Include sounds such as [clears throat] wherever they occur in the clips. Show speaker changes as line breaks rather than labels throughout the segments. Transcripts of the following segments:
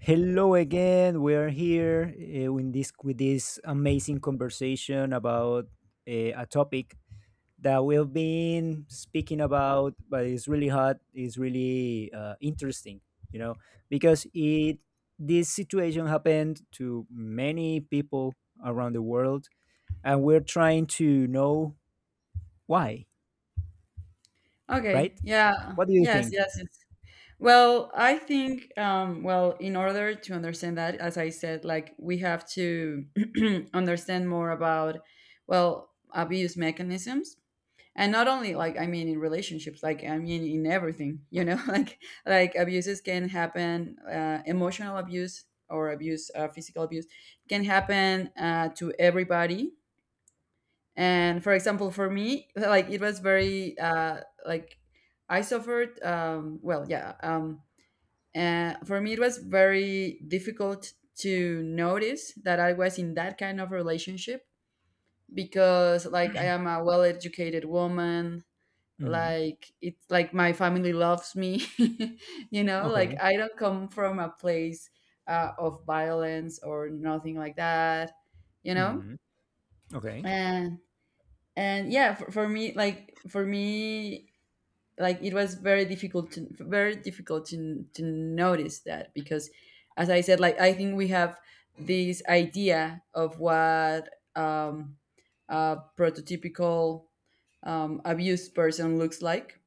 Hello again. We are here in this with this amazing conversation about a topic that we've been speaking about, but it's really hot. It's really interesting, you know, because it this situation happened to many people around the world, and we're trying to know why,
Okay.
right?
Yeah.
What do you
Yes,
think?
yes, yes. Well, I think well, in order to understand that, as I said, like, we have to [clears throat] understand more about, well, abuse mechanisms. And not only, like, I mean, in relationships, like, I mean, in everything, [laughs] like abuses can happen, emotional abuse or abuse, physical abuse can happen to everybody. And for example, for me, like, it was very like, I suffered, well, yeah, and for me it was very difficult to notice that I was in that kind of relationship, because, like, I am a well educated woman,
Hmm.
like it's like my family loves me. [laughs] Like,
Okay.
I don't come from a place of violence or nothing like that you know
Hmm. Okay.
and and, yeah, for me, like, for me, like, it was very difficult to notice that, because, as I said, like, I think we have this idea of what um, a prototypical, abused person looks like,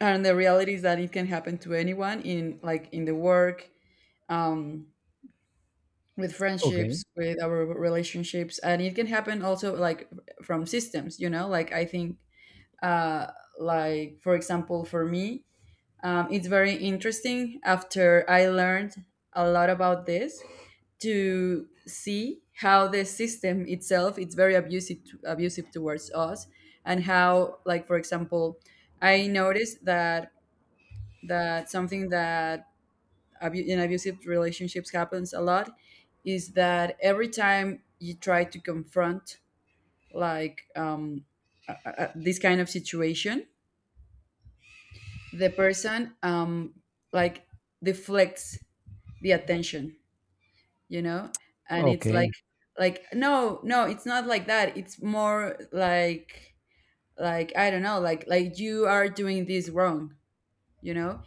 and the reality is that it can happen to anyone, in the work, um, with
Okay.
friendships, with our relationships, and it can happen also, like, from systems. Like, I think, uh, like, for example, for me, it's very interesting. After I learned a lot about this, to see how the system itself, it's very abusive towards us. And how, like, for example, I noticed that, that something that, in abusive relationships, happens a lot, is that every time you try to confront, like, this kind of situation, the person, like, deflects the attention, you know and it's, like,
Okay.
no, no, it's not like that, it's more, like, I don't know, like, you are doing this wrong. you know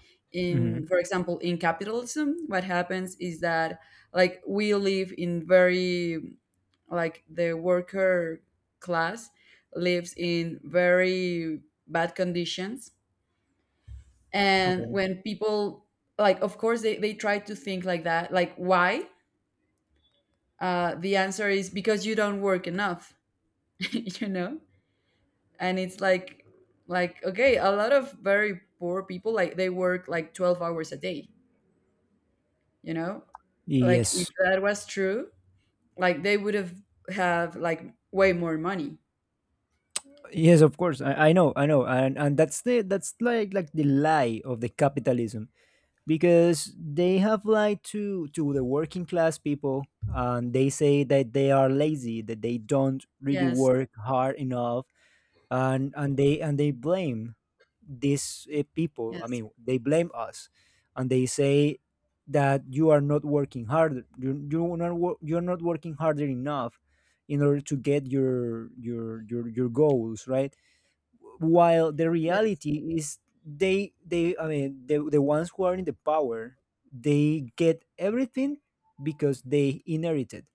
Hmm.
in, for example, in capitalism, what happens is that, like, we live in very, like, the worker class lives in very bad conditions. And
Okay.
when people, like, of course they, try to think, like, that, like, why? The answer is because you don't work enough. [laughs] you know and it's, like, okay, a lot of very poor people, like, they work like 12 hours a day. you know like, if
Yes.
that was true, like, they would have, like, way more money.
Yes, of course. I know, I know, and that's like the lie of the capitalism, because they have lied to the working class people, and they say that they are lazy, that they don't really
Yes,
work hard enough, and they blame these people, I
yes,
mean they blame us, and they say that you are not working harder, you're not working harder enough in order to get your goals, right, while the
yes,
reality is, they, I mean, the ones who are in the power, they get everything because they inherited,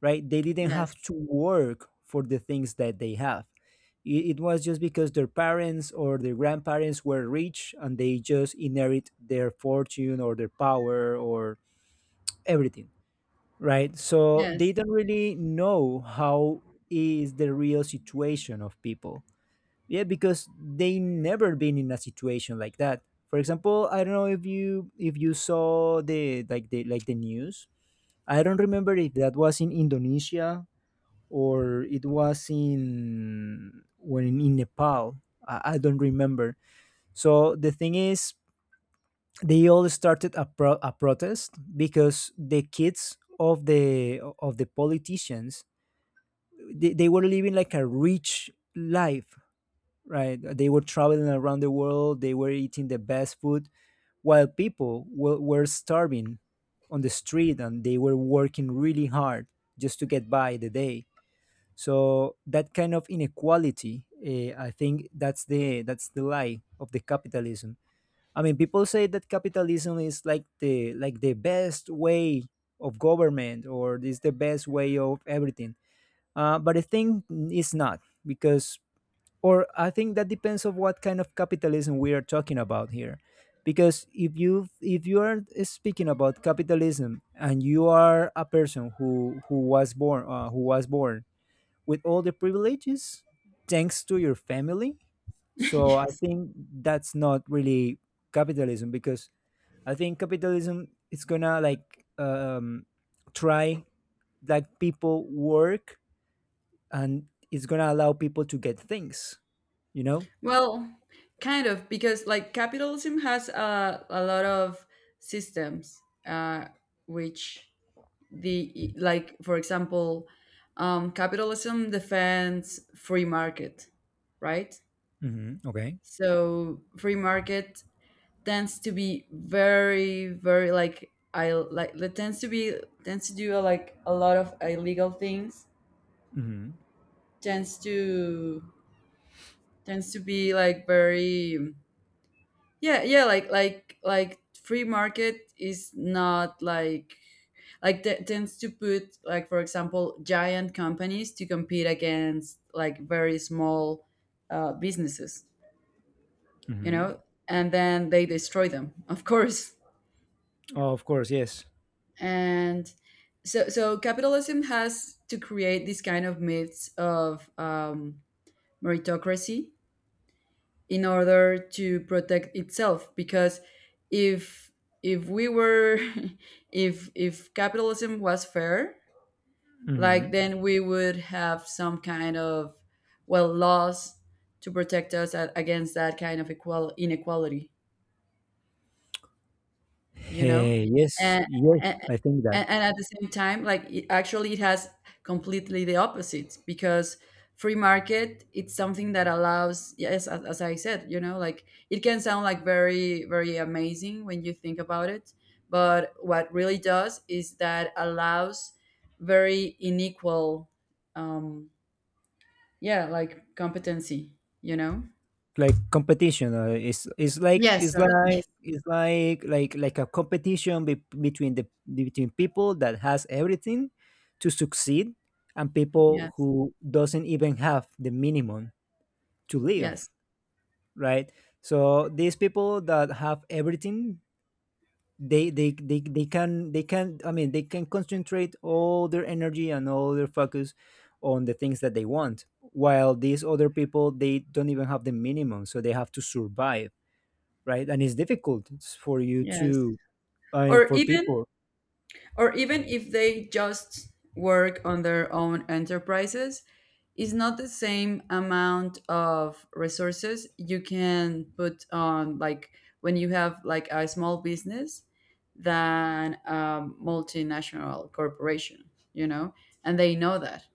right? They didn't
yes,
have to work for the things that they have. It was just because their parents or their grandparents were rich and they just inherit their fortune or their power or everything, right? So they
yes.
don't
[laughs]
really know how is the real situation of people. Yeah, because they never been in a situation like that. For example, I don't know if you saw the like the like the news. I don't remember if that was in Indonesia or it was in, when in Nepal. I don't remember. So the thing is, they all started a protest because the kids of the politicians, they were living like a rich life, right? They were traveling around the world, they were eating the best food, while people were starving on the street and they were working really hard just to get by the day. So that kind of inequality, I think that's the, lie of the capitalism. I mean, people say that capitalism is like the best way of government, or is the best way of everything, but I think it's not, because, or I think that depends on what kind of capitalism we are talking about here, because if you are speaking about capitalism and you are a person who was born with all the privileges thanks to your family, so I
Yes.
think that's not really capitalism, because I think capitalism is gonna, like, try, like, people work and it's gonna allow people to get things you know
Well, kind of, because, like, capitalism has a lot of systems, uh, which, like, for example, capitalism defends free market, right?
Mhm. Okay.
So free market tends to be very, very, like, it tends to do, like, a lot of illegal things.
Mhm.
Tends to tends to be, like, very, yeah, yeah, like, free market is not like, tends to put, like, for example, giant companies to compete against, like, very small, businesses. you
Mhm.
know and then they destroy them. [laughs] Of course.
Oh, of course, yes.
And so capitalism has to create this kind of myths of, meritocracy, in order to protect itself, because if if we were... [laughs] if capitalism was fair, like,
Mhm.
then we would have some kind of, well, laws to protect us, against that kind of equal inequality. you know
Hey, yes,
and,
yes.
and
I think that.
and at the same time, like, actually, it has completely the opposite, because free market, it's something that allows, yes, as I said, like, it can sound, like, very very amazing when you think about it. But what really does is that allows very unequal, um yeah, like, competency.
Like competition is,
Yes. Sorry. [laughs] Yes,
like a competition between people that has everything to succeed, and people
yes,
who doesn't even have the minimum to
yes.
live, right? So these people that have everything, they can, I mean, they can concentrate all their energy and all their focus on the things that they want, while these other people, they don't even have the minimum, so they have to survive, right? And it's difficult for you
Yes.
to,
Or
for
even
people.
or even if they just work on their own enterprises, is not the same amount of resources you can put on, like, when you have, like, a small business, than a multinational corporation, you know, and they know that,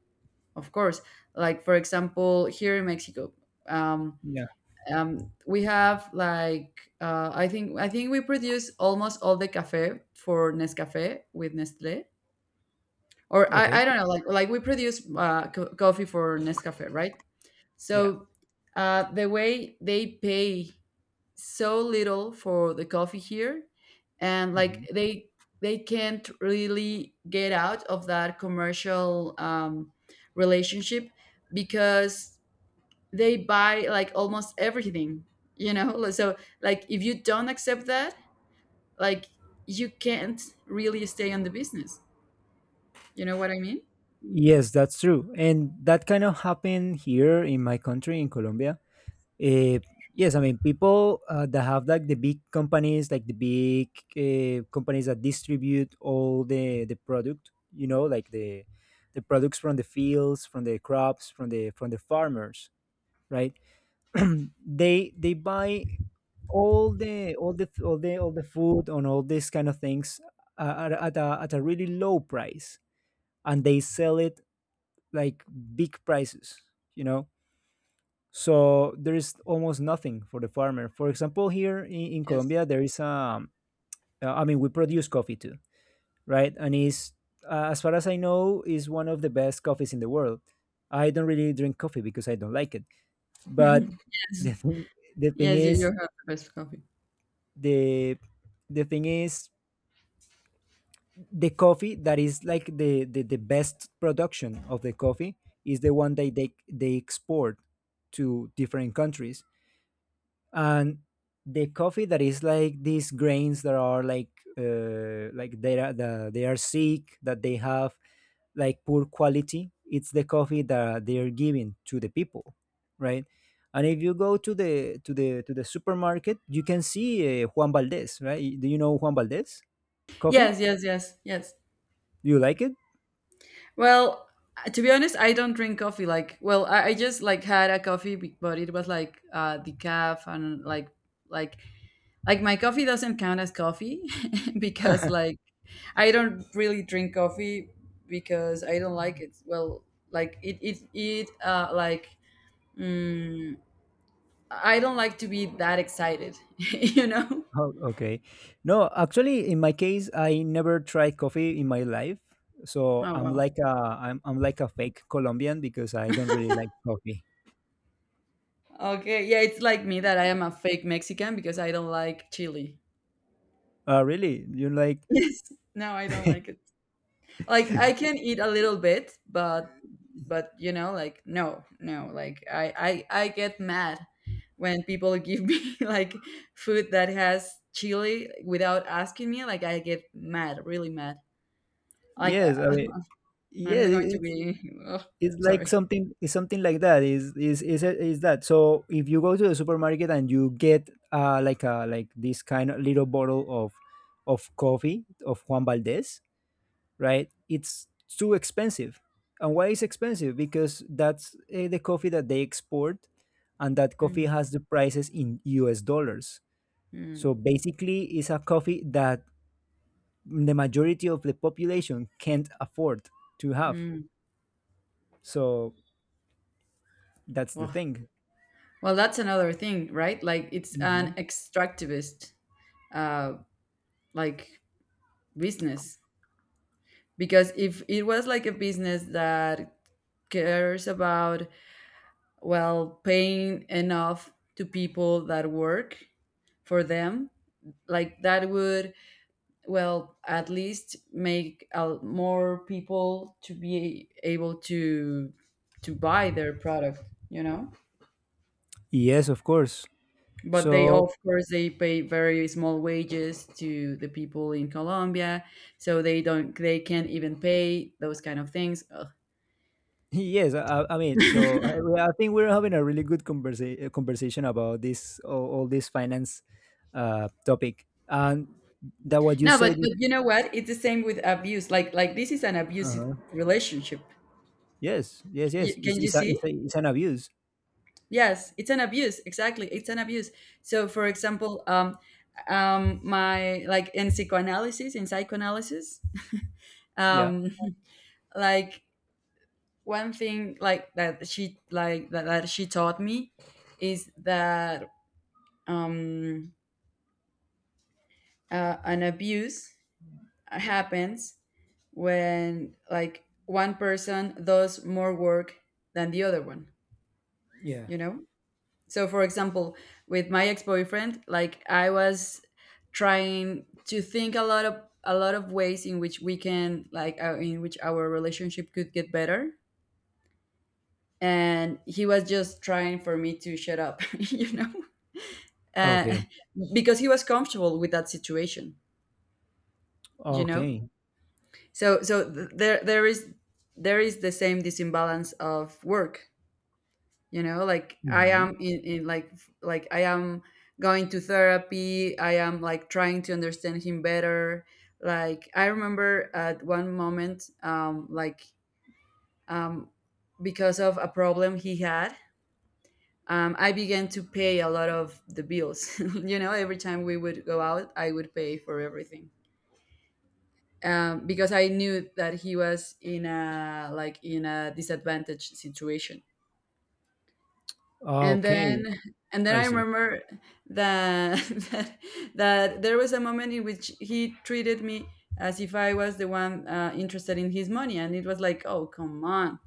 of course. Like, for example, here in Mexico, um,
Yeah.
um, we have, like, I think we produce almost all the cafe for Nescafe with Nestle, or I
Okay.
don't know, like we produce, coffee for Nescafe, right?
Yeah.
So, the way they pay so little for the coffee here, and,
Mhm.
like, they can't really get out of that commercial, relationship, because they buy, like, almost everything, [laughs] so, like, if you don't accept that, like, you can't really stay on the business, you know what I mean.
Yes, that's true, and that kind of happened here in my country, in Colombia. Uh, yes, I mean, people that have like the big companies, like the big companies that distribute all the product. You know, like the products from the fields, from the crops, from the farmers, right? [clears throat] They they buy all the food and all these kind of things at a really low price, and they sell it like big prices. You know, so there is almost nothing for the farmer. For example, here in,
Yes.
Colombia there is. I mean, we produce coffee too, right? And is, as far as I know, is one of the best coffees in the world. I don't really drink coffee because I don't like it, but
[laughs]
[laughs]
Yes.
the thing, the thing
Yes, you
is
have the best coffee.
the the thing is, the coffee that is like the best production of the coffee is the one that they export to different countries, and the coffee that is like these grains that are like, like, they are, they are sick, that they have like poor quality, it's the coffee that they are giving to the people, right? And if you go to the supermarket, you can see, Juan Valdez, right? Do you know Juan Valdez coffee?
Yes, yes, yes, yes.
Do you like it?
Well, to be honest, I don't drink coffee. Like, well, I just, like, had a coffee, but it was like decaf, and, like like, my coffee doesn't count as coffee, [laughs] because, like, I don't really drink coffee because I don't like it. Well, like, it like, mm, I don't like to be that excited, [laughs] you know.
Oh, okay. No, actually, in my case, I never tried coffee in my life, so
Oh well.
I'm like a fake Colombian because I don't really like coffee.
Okay, yeah, it's like me, that I am a fake Mexican because I don't like chili.
Really? You like?
Yes. [laughs] No, I don't like it. Like, I
[laughs]
can eat a little bit, but like, no, no, like, I get mad when people give me [laughs] like food that has chili without asking me. Like, I get mad, really mad. Like,
Yes, I mean,
[laughs] I'm
yeah,
not going to be, [laughs] ugh,
it's like
sorry.
something, it's something like that. Is is that? So if you go to the supermarket and you get, like a, like this kind of little bottle of coffee of Juan Valdez, right? It's too expensive. And why is expensive? Because that's the coffee that they export, and that coffee
Mm,
has the prices in US dollars. So
mm,
basically, it's a coffee that the majority of the population can't afford to have.
mm.
So that's the
Well,
thing.
well, that's another thing, right? Like, it's
Mhm.
an extractivist, uh like, business, because if it was like a business that cares about, well, paying enough to people that work for them, like, that would, well, at least make, more people to be able to buy their product.
Yes, of course.
But they,
So
of course, they pay very small wages to the people in colombia, so they can't even pay those kind of things. Ugh.
Yes, I mean, so, I think we're having a really good conversation about this, all this finance topic, and that what you
No, but
said is,
you know what? It's the same with abuse. Like, this is an abusive
uh,
relationship.
yes, yes, yes,
You, can you see?
it's an abuse.
Yes, it's an abuse. Exactly, it's an abuse. So, for example, my like, in psychoanalysis,
Yeah.
um, [laughs] like, one thing, like, that she taught me, is that, um, an abuse happens when, like, one person does more work than the other one.
Yeah.
you know so, for example, with my ex-boyfriend, like, I was trying to think a lot of ways, in which we can like in which our relationship could get better, and he was just trying for me to shut up. [laughs] you know uh,
Okay.
because he was comfortable with that situation. you know
Okay.
so there is the same, this imbalance of work. Like, I
Mhm.
am in, like, I am going to therapy, I am, like, trying to understand him better. Like, I remember at one moment, like, um because of a problem he had, I began to pay a lot of the bills. [laughs] Every time we would go out, I would pay for everything, because I knew that he was in a disadvantaged situation. And
Okay.
then and then
I
I
see.
remember that, [laughs] that, that there was a moment in which he treated me as if I was the one, interested in his money, and it was like, oh, come on.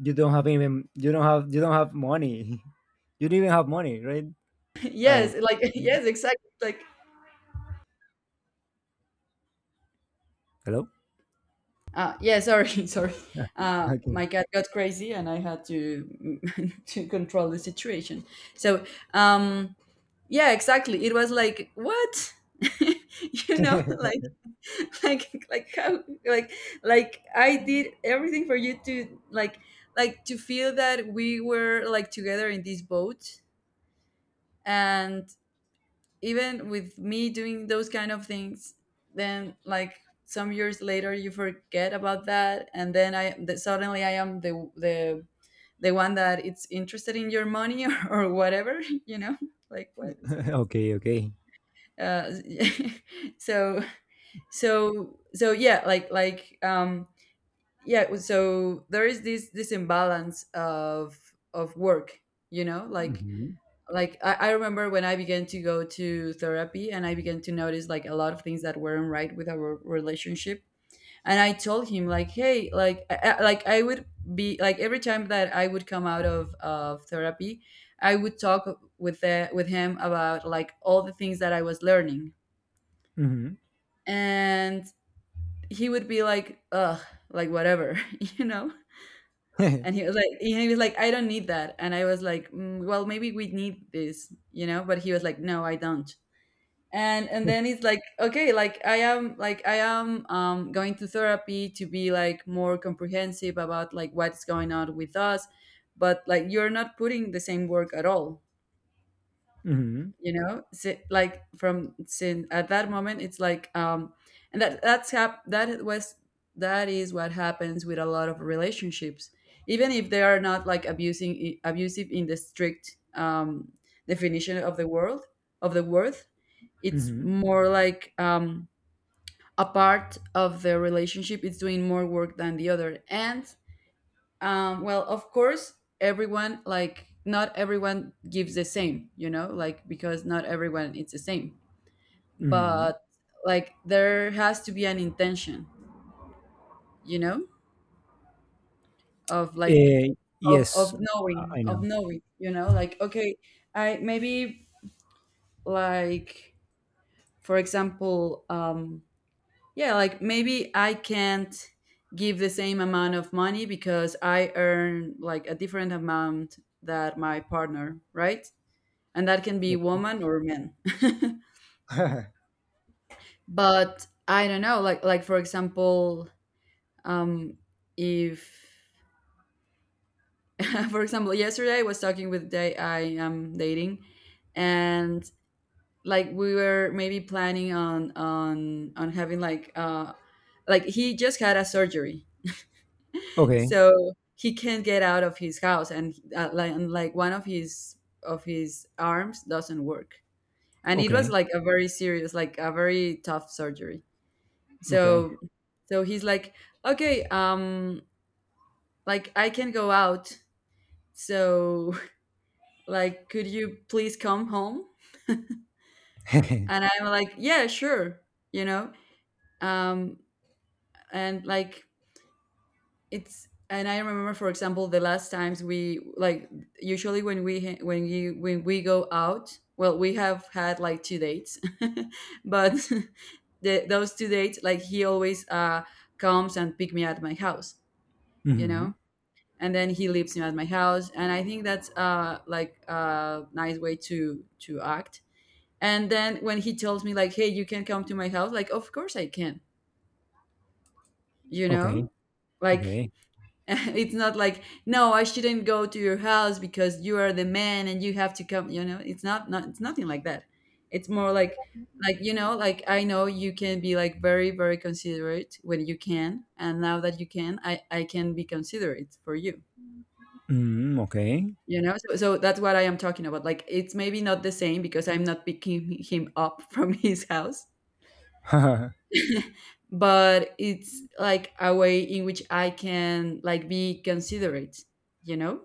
You don't have even you don't have money. [laughs] You don't even have money, right?
[laughs]
I mean,
Yes, like, [laughs] yes, exactly, like,
hello.
yeah, sorry, [laughs] sorry.
Yeah. Okay.
My cat got crazy, and I had to [laughs] to control the situation. So um, yeah, exactly, it was like, what? [laughs]
[laughs]
Like, [laughs] like how, like I did everything for you to like to feel that we were like together in this boat. And even with me doing those kind of things, then like some years later you forget about that, and then suddenly I am the one that it's interested in your money, [laughs] or whatever, you know, like what?
Okay. Okay.
uh [laughs] so so yeah, yeah, so there is this imbalance of work, you know, like
Mhm.
like I remember when I began to go to therapy, and I began to notice like a lot of things that weren't right with our relationship. And I told him like, hey, like, like I would be like every time that I would come out of therapy, I would talk with with him about like all the things that I was learning.
Mhm.
And he would be like, ugh, like, whatever. [laughs] You know. And he was like, I don't need that. And I was like, mm, well, maybe we need this, you know? But he was like, no, I don't. And then it's like, okay, like, I am going to therapy to be like more comprehensive about like what's going on with us, but like you're not putting the same work at all,
Mhm. [laughs]
you know? Like, from sin at that moment it's like... And that that's hap- that was that is what happens with a lot of relationships, even if they are not like abusing abusive in the strict definition of the worth. It's
Mhm,
more like a part of the relationship, it's doing more work than the other. And well, of course, everyone, like, not everyone gives the same, you know, like, because not everyone it's the same.
mhm.
But like there has to be an intention, you know, of like,
Eh,
of
yes,
of
I
knowing,
I
of
know.
knowing, you know, like, okay, I maybe, like, for example, yeah, like maybe I can't give the same amount of money because I earn like a different amount that my partner, right? And that can be
Okay.
woman or men. [laughs]
[laughs]
But I don't know, like for example um if [laughs] for example, yesterday I was talking with the guy I am dating. And like we were maybe planning on having like, like he just had a surgery.
Okay,
So he can't get out of his house, and like one of his arms doesn't work. And it was like a very serious, like a very tough surgery.
okay.
So, he's like, okay, like, I can go out, so [laughs] like, could you please come home? And I'm like, yeah, sure, you know? um and like, it's and I remember, for example, the last times we, like, usually when we ha- when you when we go out, well, we have had like two dates. [laughs] But [laughs] those two dates, like, he always comes and pick me at my house, you know?
Mhm. [laughs]
And then he leaves him at my house, and I think that's like a nice way to act. And then when he tells me like, hey, you can come to my house, like, of course I can, you
Okay,
know? Like,
okay.
[laughs] it's not like, no, I shouldn't go to your house because you are the man and you have to come, you know? It's not, not, it's nothing like that. It's more like, you know, like, I know you can be like very very considerate when you can, and now that you can, I can be considerate for you.
Mm, okay.
You know? So, that's what I am talking about. Like, it's maybe not the same because I'm not picking him up from [laughs] his house,
[laughs]
but it's like a way in which I can like be considerate, you know?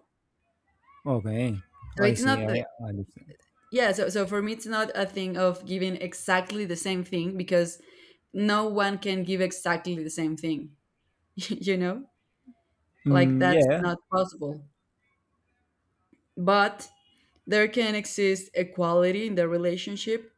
Okay.
So,
I
it's
see,
not the,
I understand.
yeah, so, for me it's not a thing of giving exactly the same thing, because no one can give exactly the same thing, [laughs] you know? Like
Mm,
that's
yeah.
not possible. But there can exist equality in the relationship,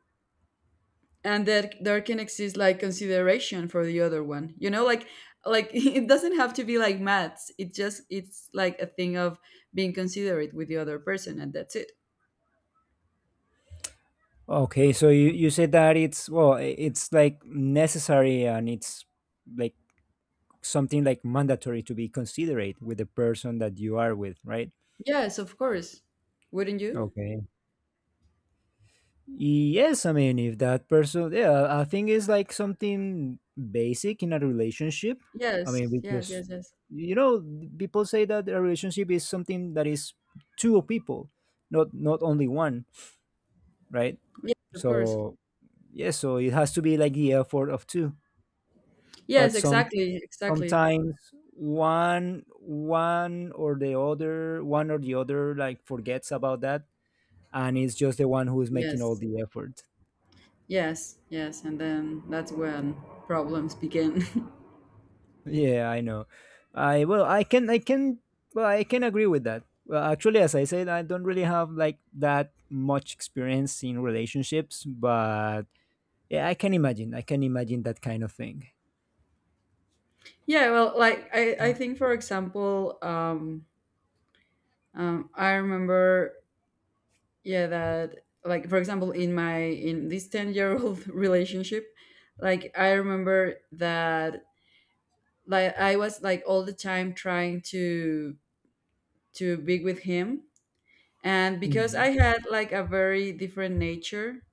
and that there can exist like consideration for the other one, you know? Like, [laughs] it doesn't have to be like maths. It's like a thing of being considerate with the other person, and that's it.
Okay, so you said that it's, well, it's like necessary, and it's like something like mandatory to be considerate with the person that you are with, right?
Yes, of course. Wouldn't you?
Okay. Yes, I mean, if that person, yeah, I think it's like something basic in a relationship. I mean,
Yes, yes,
because,
yes, yes.
you know, people say that a relationship is something that is two people, not only one, right?
Yes, of course.
So, yeah, so it has to be like the effort of two. But
Yes, exactly, exactly.
sometimes one or the other, like, forgets about that, and it's just the one who is making all
Yes,
the effort.
yes, yes. And then that's when problems begin.
Yeah, I know. I well, I can, well, I can agree with that. Well, actually, as I said, I don't really have like that much experience in relationships, but yeah, I can imagine. I can imagine that kind of thing.
[laughs] Yeah, well, like, I think, for example, I remember, yeah, that like, for example, in my in this 10-year-old [laughs] relationship, like I remember that, like, I was like all the time trying to be with him. And because
Mm.
I had like a very different nature,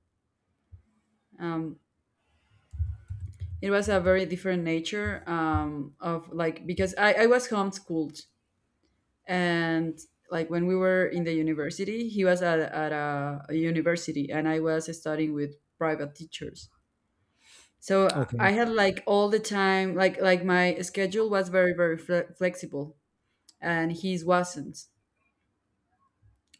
um it was a very different nature, of like, because I was homeschooled. And like when we were in the university, he was at a university, and I was studying with private teachers. So I
Okay.
had like all the time, like, my schedule was very very flexible, and his wasn't.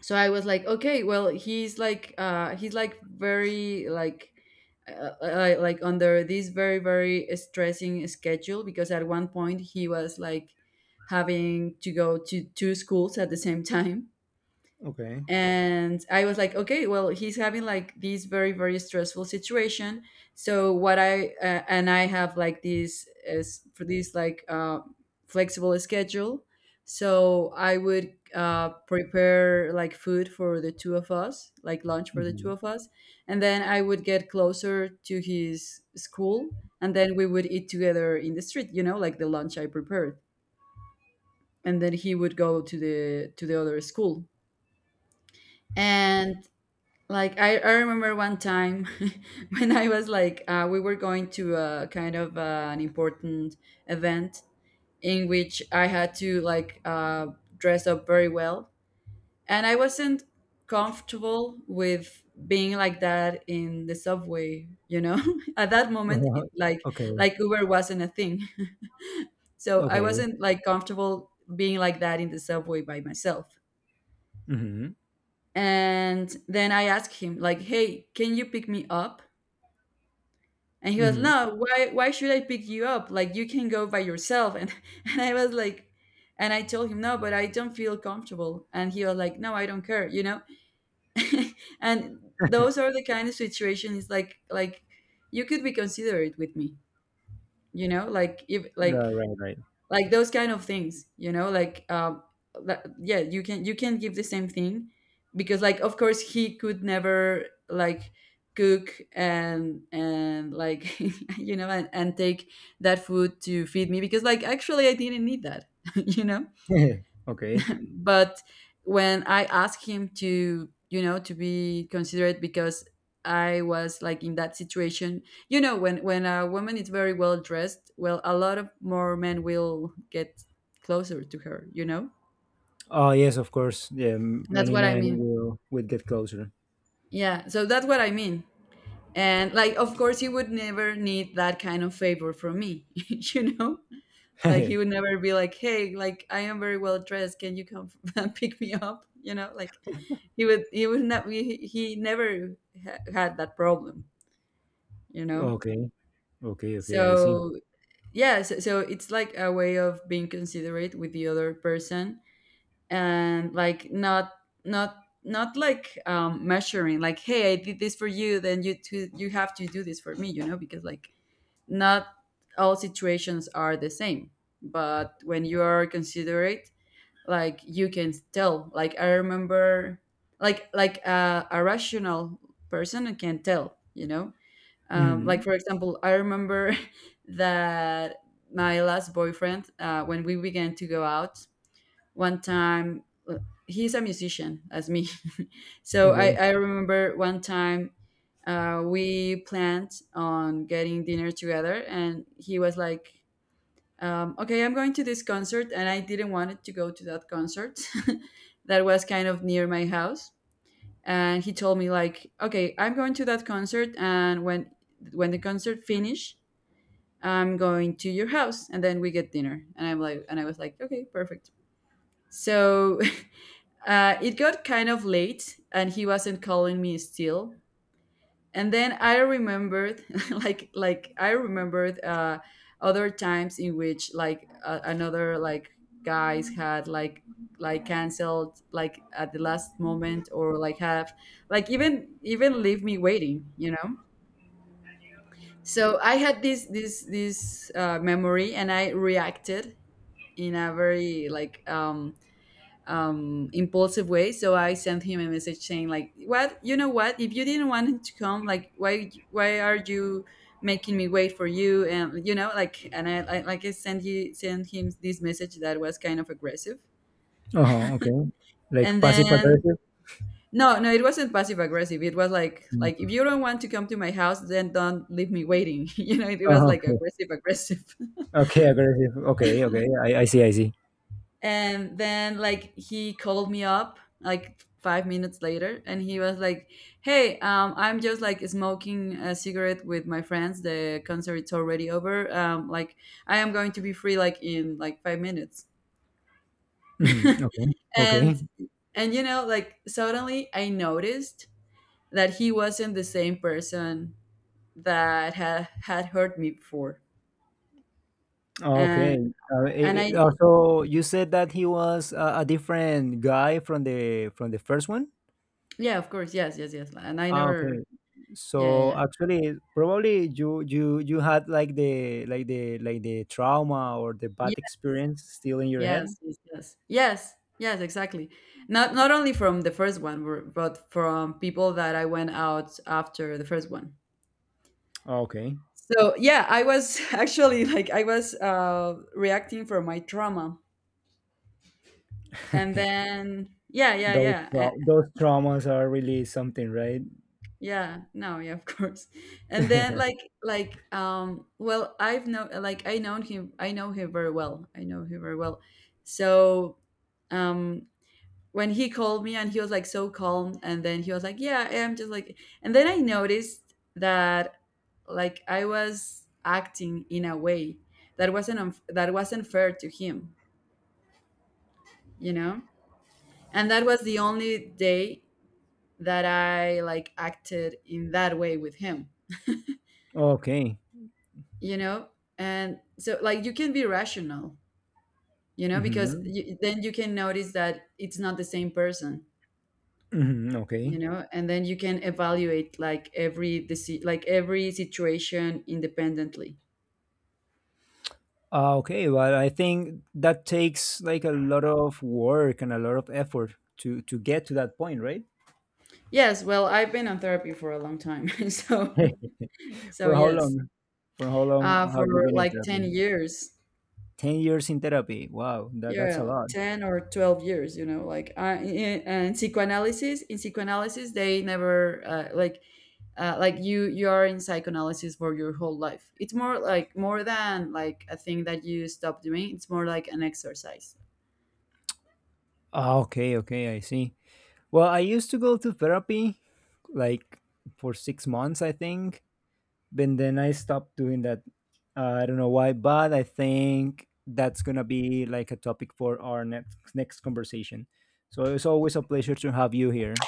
So I was like, okay, well, he's like very, like, like under this very very stressing schedule, because at one point he was like having to go to two schools at the same [laughs] time.
Okay.
And I was like, okay, well, he's having like this very very stressful situation. So what I and I have like this as for this, like, flexible schedule. So I would, prepare like food for the two of us, like lunch for the two
Hmm.
of us. And then I would get closer to his school, and then we would eat together in the street, you know, like the lunch I prepared. And then he would go to the other school. And like, I remember one time [laughs] when I was like, we were going to a kind of, an important event, in which I had to, like, dress up very well. And I wasn't comfortable with being like that in the subway, you know? [laughs] At that moment,
Uh-huh.
it, like,
[laughs] Okay.
Uber wasn't a thing. [laughs] So I
Okay.
wasn't like comfortable being like that in the subway by myself.
Mm-hmm.
And then I asked him like, hey, can you pick me up? And he was,
Mm-hmm.
no, why should I pick you up? Like, you can go by yourself. And, [laughs] and I was like, and I told him, no, but I don't feel comfortable. And he was like, no, I don't care, you know? [laughs] And those are the kind of situations, like, you could be considerate with me, you know? Like, if, like,
Right. Right.
those kind of things, you know? Like, yeah, you can, give the same thing, because, like, of course, he could never, like, cook, and like, [laughs] you know, and take that food to feed me, because, like, actually I didn't need that. [laughs] You know.
Right. [laughs] Okay.
But when I asked him to you know to be considerate, because I was like in that situation, you know, when a woman is very well dressed, well, a lot of more men will get closer to her, you know?
Oh yes, of course. Yeah,
That's
many
what I
men
mean.
will get closer.
Yeah, so that's what I mean. And, like, of course, he would never need that kind of favor from me, [laughs] you know.
[laughs]
Like, he would never be like, "Hey, like I am very well dressed. Can you come [laughs] and pick me up?" You know. Like, he would not, he, he never ha- had that problem. You know.
Okay. Okay. Okay. I see.
So, yeah, so, it's like a way of being considerate with the other person, and like, not, not like, measuring like, hey, I did this for you, then you too, you have to do this for me, you know? Because, like, not all situations are the same. But when you are considerate, like, you can tell. Like, I remember, like, a rational person can tell, you know? Like, for
Mm-hmm.
example, I remember [laughs] that my last boyfriend, when we began to go out one time, uh, he's a musician as me. [laughs] So, I,
Okay.
I remember one time, we planned on getting dinner together. And he was like, okay, I'm going to this concert, and I didn't wanted to go to that concert, [laughs] that was kind of near my house. And he told me like, okay, I'm going to that concert, and when the concert finish, I'm going to your house, and then we get dinner. And I was like, okay, perfect. So [laughs] it got kind of late, and he wasn't calling me still. And then I remembered [laughs] like, I remembered, other times in which, like, another like guys had like, canceled like at the last moment, or like have like, even leave me waiting, you know. So I had this this this memory, and I reacted in a very, like, impulsive way. So I sent him a message saying like, "What? You know what? If you didn't want him to come, like, why? Why are you making me wait for you?" And you know, like, and I like I sent, you sent him this message that was kind of aggressive.
Uh-huh, okay. Like
And
passive
then,
aggressive?
no, no, it wasn't passive aggressive. It was like,
Mm.
if you don't want to come to my house, then don't leave me waiting. [laughs] You know, it was
Uh-huh,
like
okay.
aggressive aggressive.
Okay, aggressive. Okay, okay. I see, I see.
And then like he called me up like 5 minutes later, and he was like, hey, I'm just like smoking a cigarette with my friends, the concert concert's already over, like, I am going to be free like in like 5 minutes.
Hmm.
[laughs]
Okay. Okay.
and and you know, like, suddenly I noticed that he wasn't the same person that had had hurt me before.
Okay.
and and I...
So you said that he was a different guy from the first one?
yeah, of course. Yes, yes, yes. And I
Ah, okay.
never...
So
yeah, yeah, yeah.
actually, probably you had like the like the like the trauma or the bad experience still in your head.
Yes, yes, yes, yes, yes, exactly. Not only from the first one, but from people that I went out after the first one.
Ah, okay.
So yeah, I was [laughs] actually, like, I was, reacting from my trauma. And
[laughs]
then, yeah, yeah, yeah,
Those traumas are really something, right?
yeah. No, yeah, of [laughs] course. And then, like,
[laughs]
well, I known him, I know him very well, I know him very well. So, um, when he called me and he was like so calm, and then he was like, yeah, I'm just like, and then I noticed that, like, I was acting in a way that wasn't fair to him, you know? And that was the only day that I like acted in that way with him,
Okay.
you know? And so, like, you can be rational, you know, because,
Mhm.
then you can notice that it's not the same person,
Mhm, okay.
you know? And then you can evaluate like every situation independently.
Okay, well, I think that takes like a lot of work and a lot of effort to get to that point, right?
Yes, well, I've been on therapy for a long time. [laughs] So,
[laughs] For how
yes.
long? For how long have
For
you been in
like 10
therapy?
years.
10 years in therapy. Wow, that's a
Yeah,
lot.
10 or 12 years, you know? Like, in psychoanalysis, they never, like, like, you are in psychoanalysis for your whole life. It's more like, more than like a thing that you stop doing, it's more like an exercise.
Ah, okay, okay, I see. Well, I used to go to therapy, like, for 6 months, I think, but then I stopped doing that. I don't know why, but I think that's gonna be like a topic for our next conversation. So it's always a pleasure to have you here.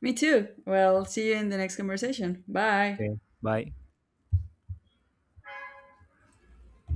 Me too. Well, see you in the next conversation. Bye.
Okay, bye.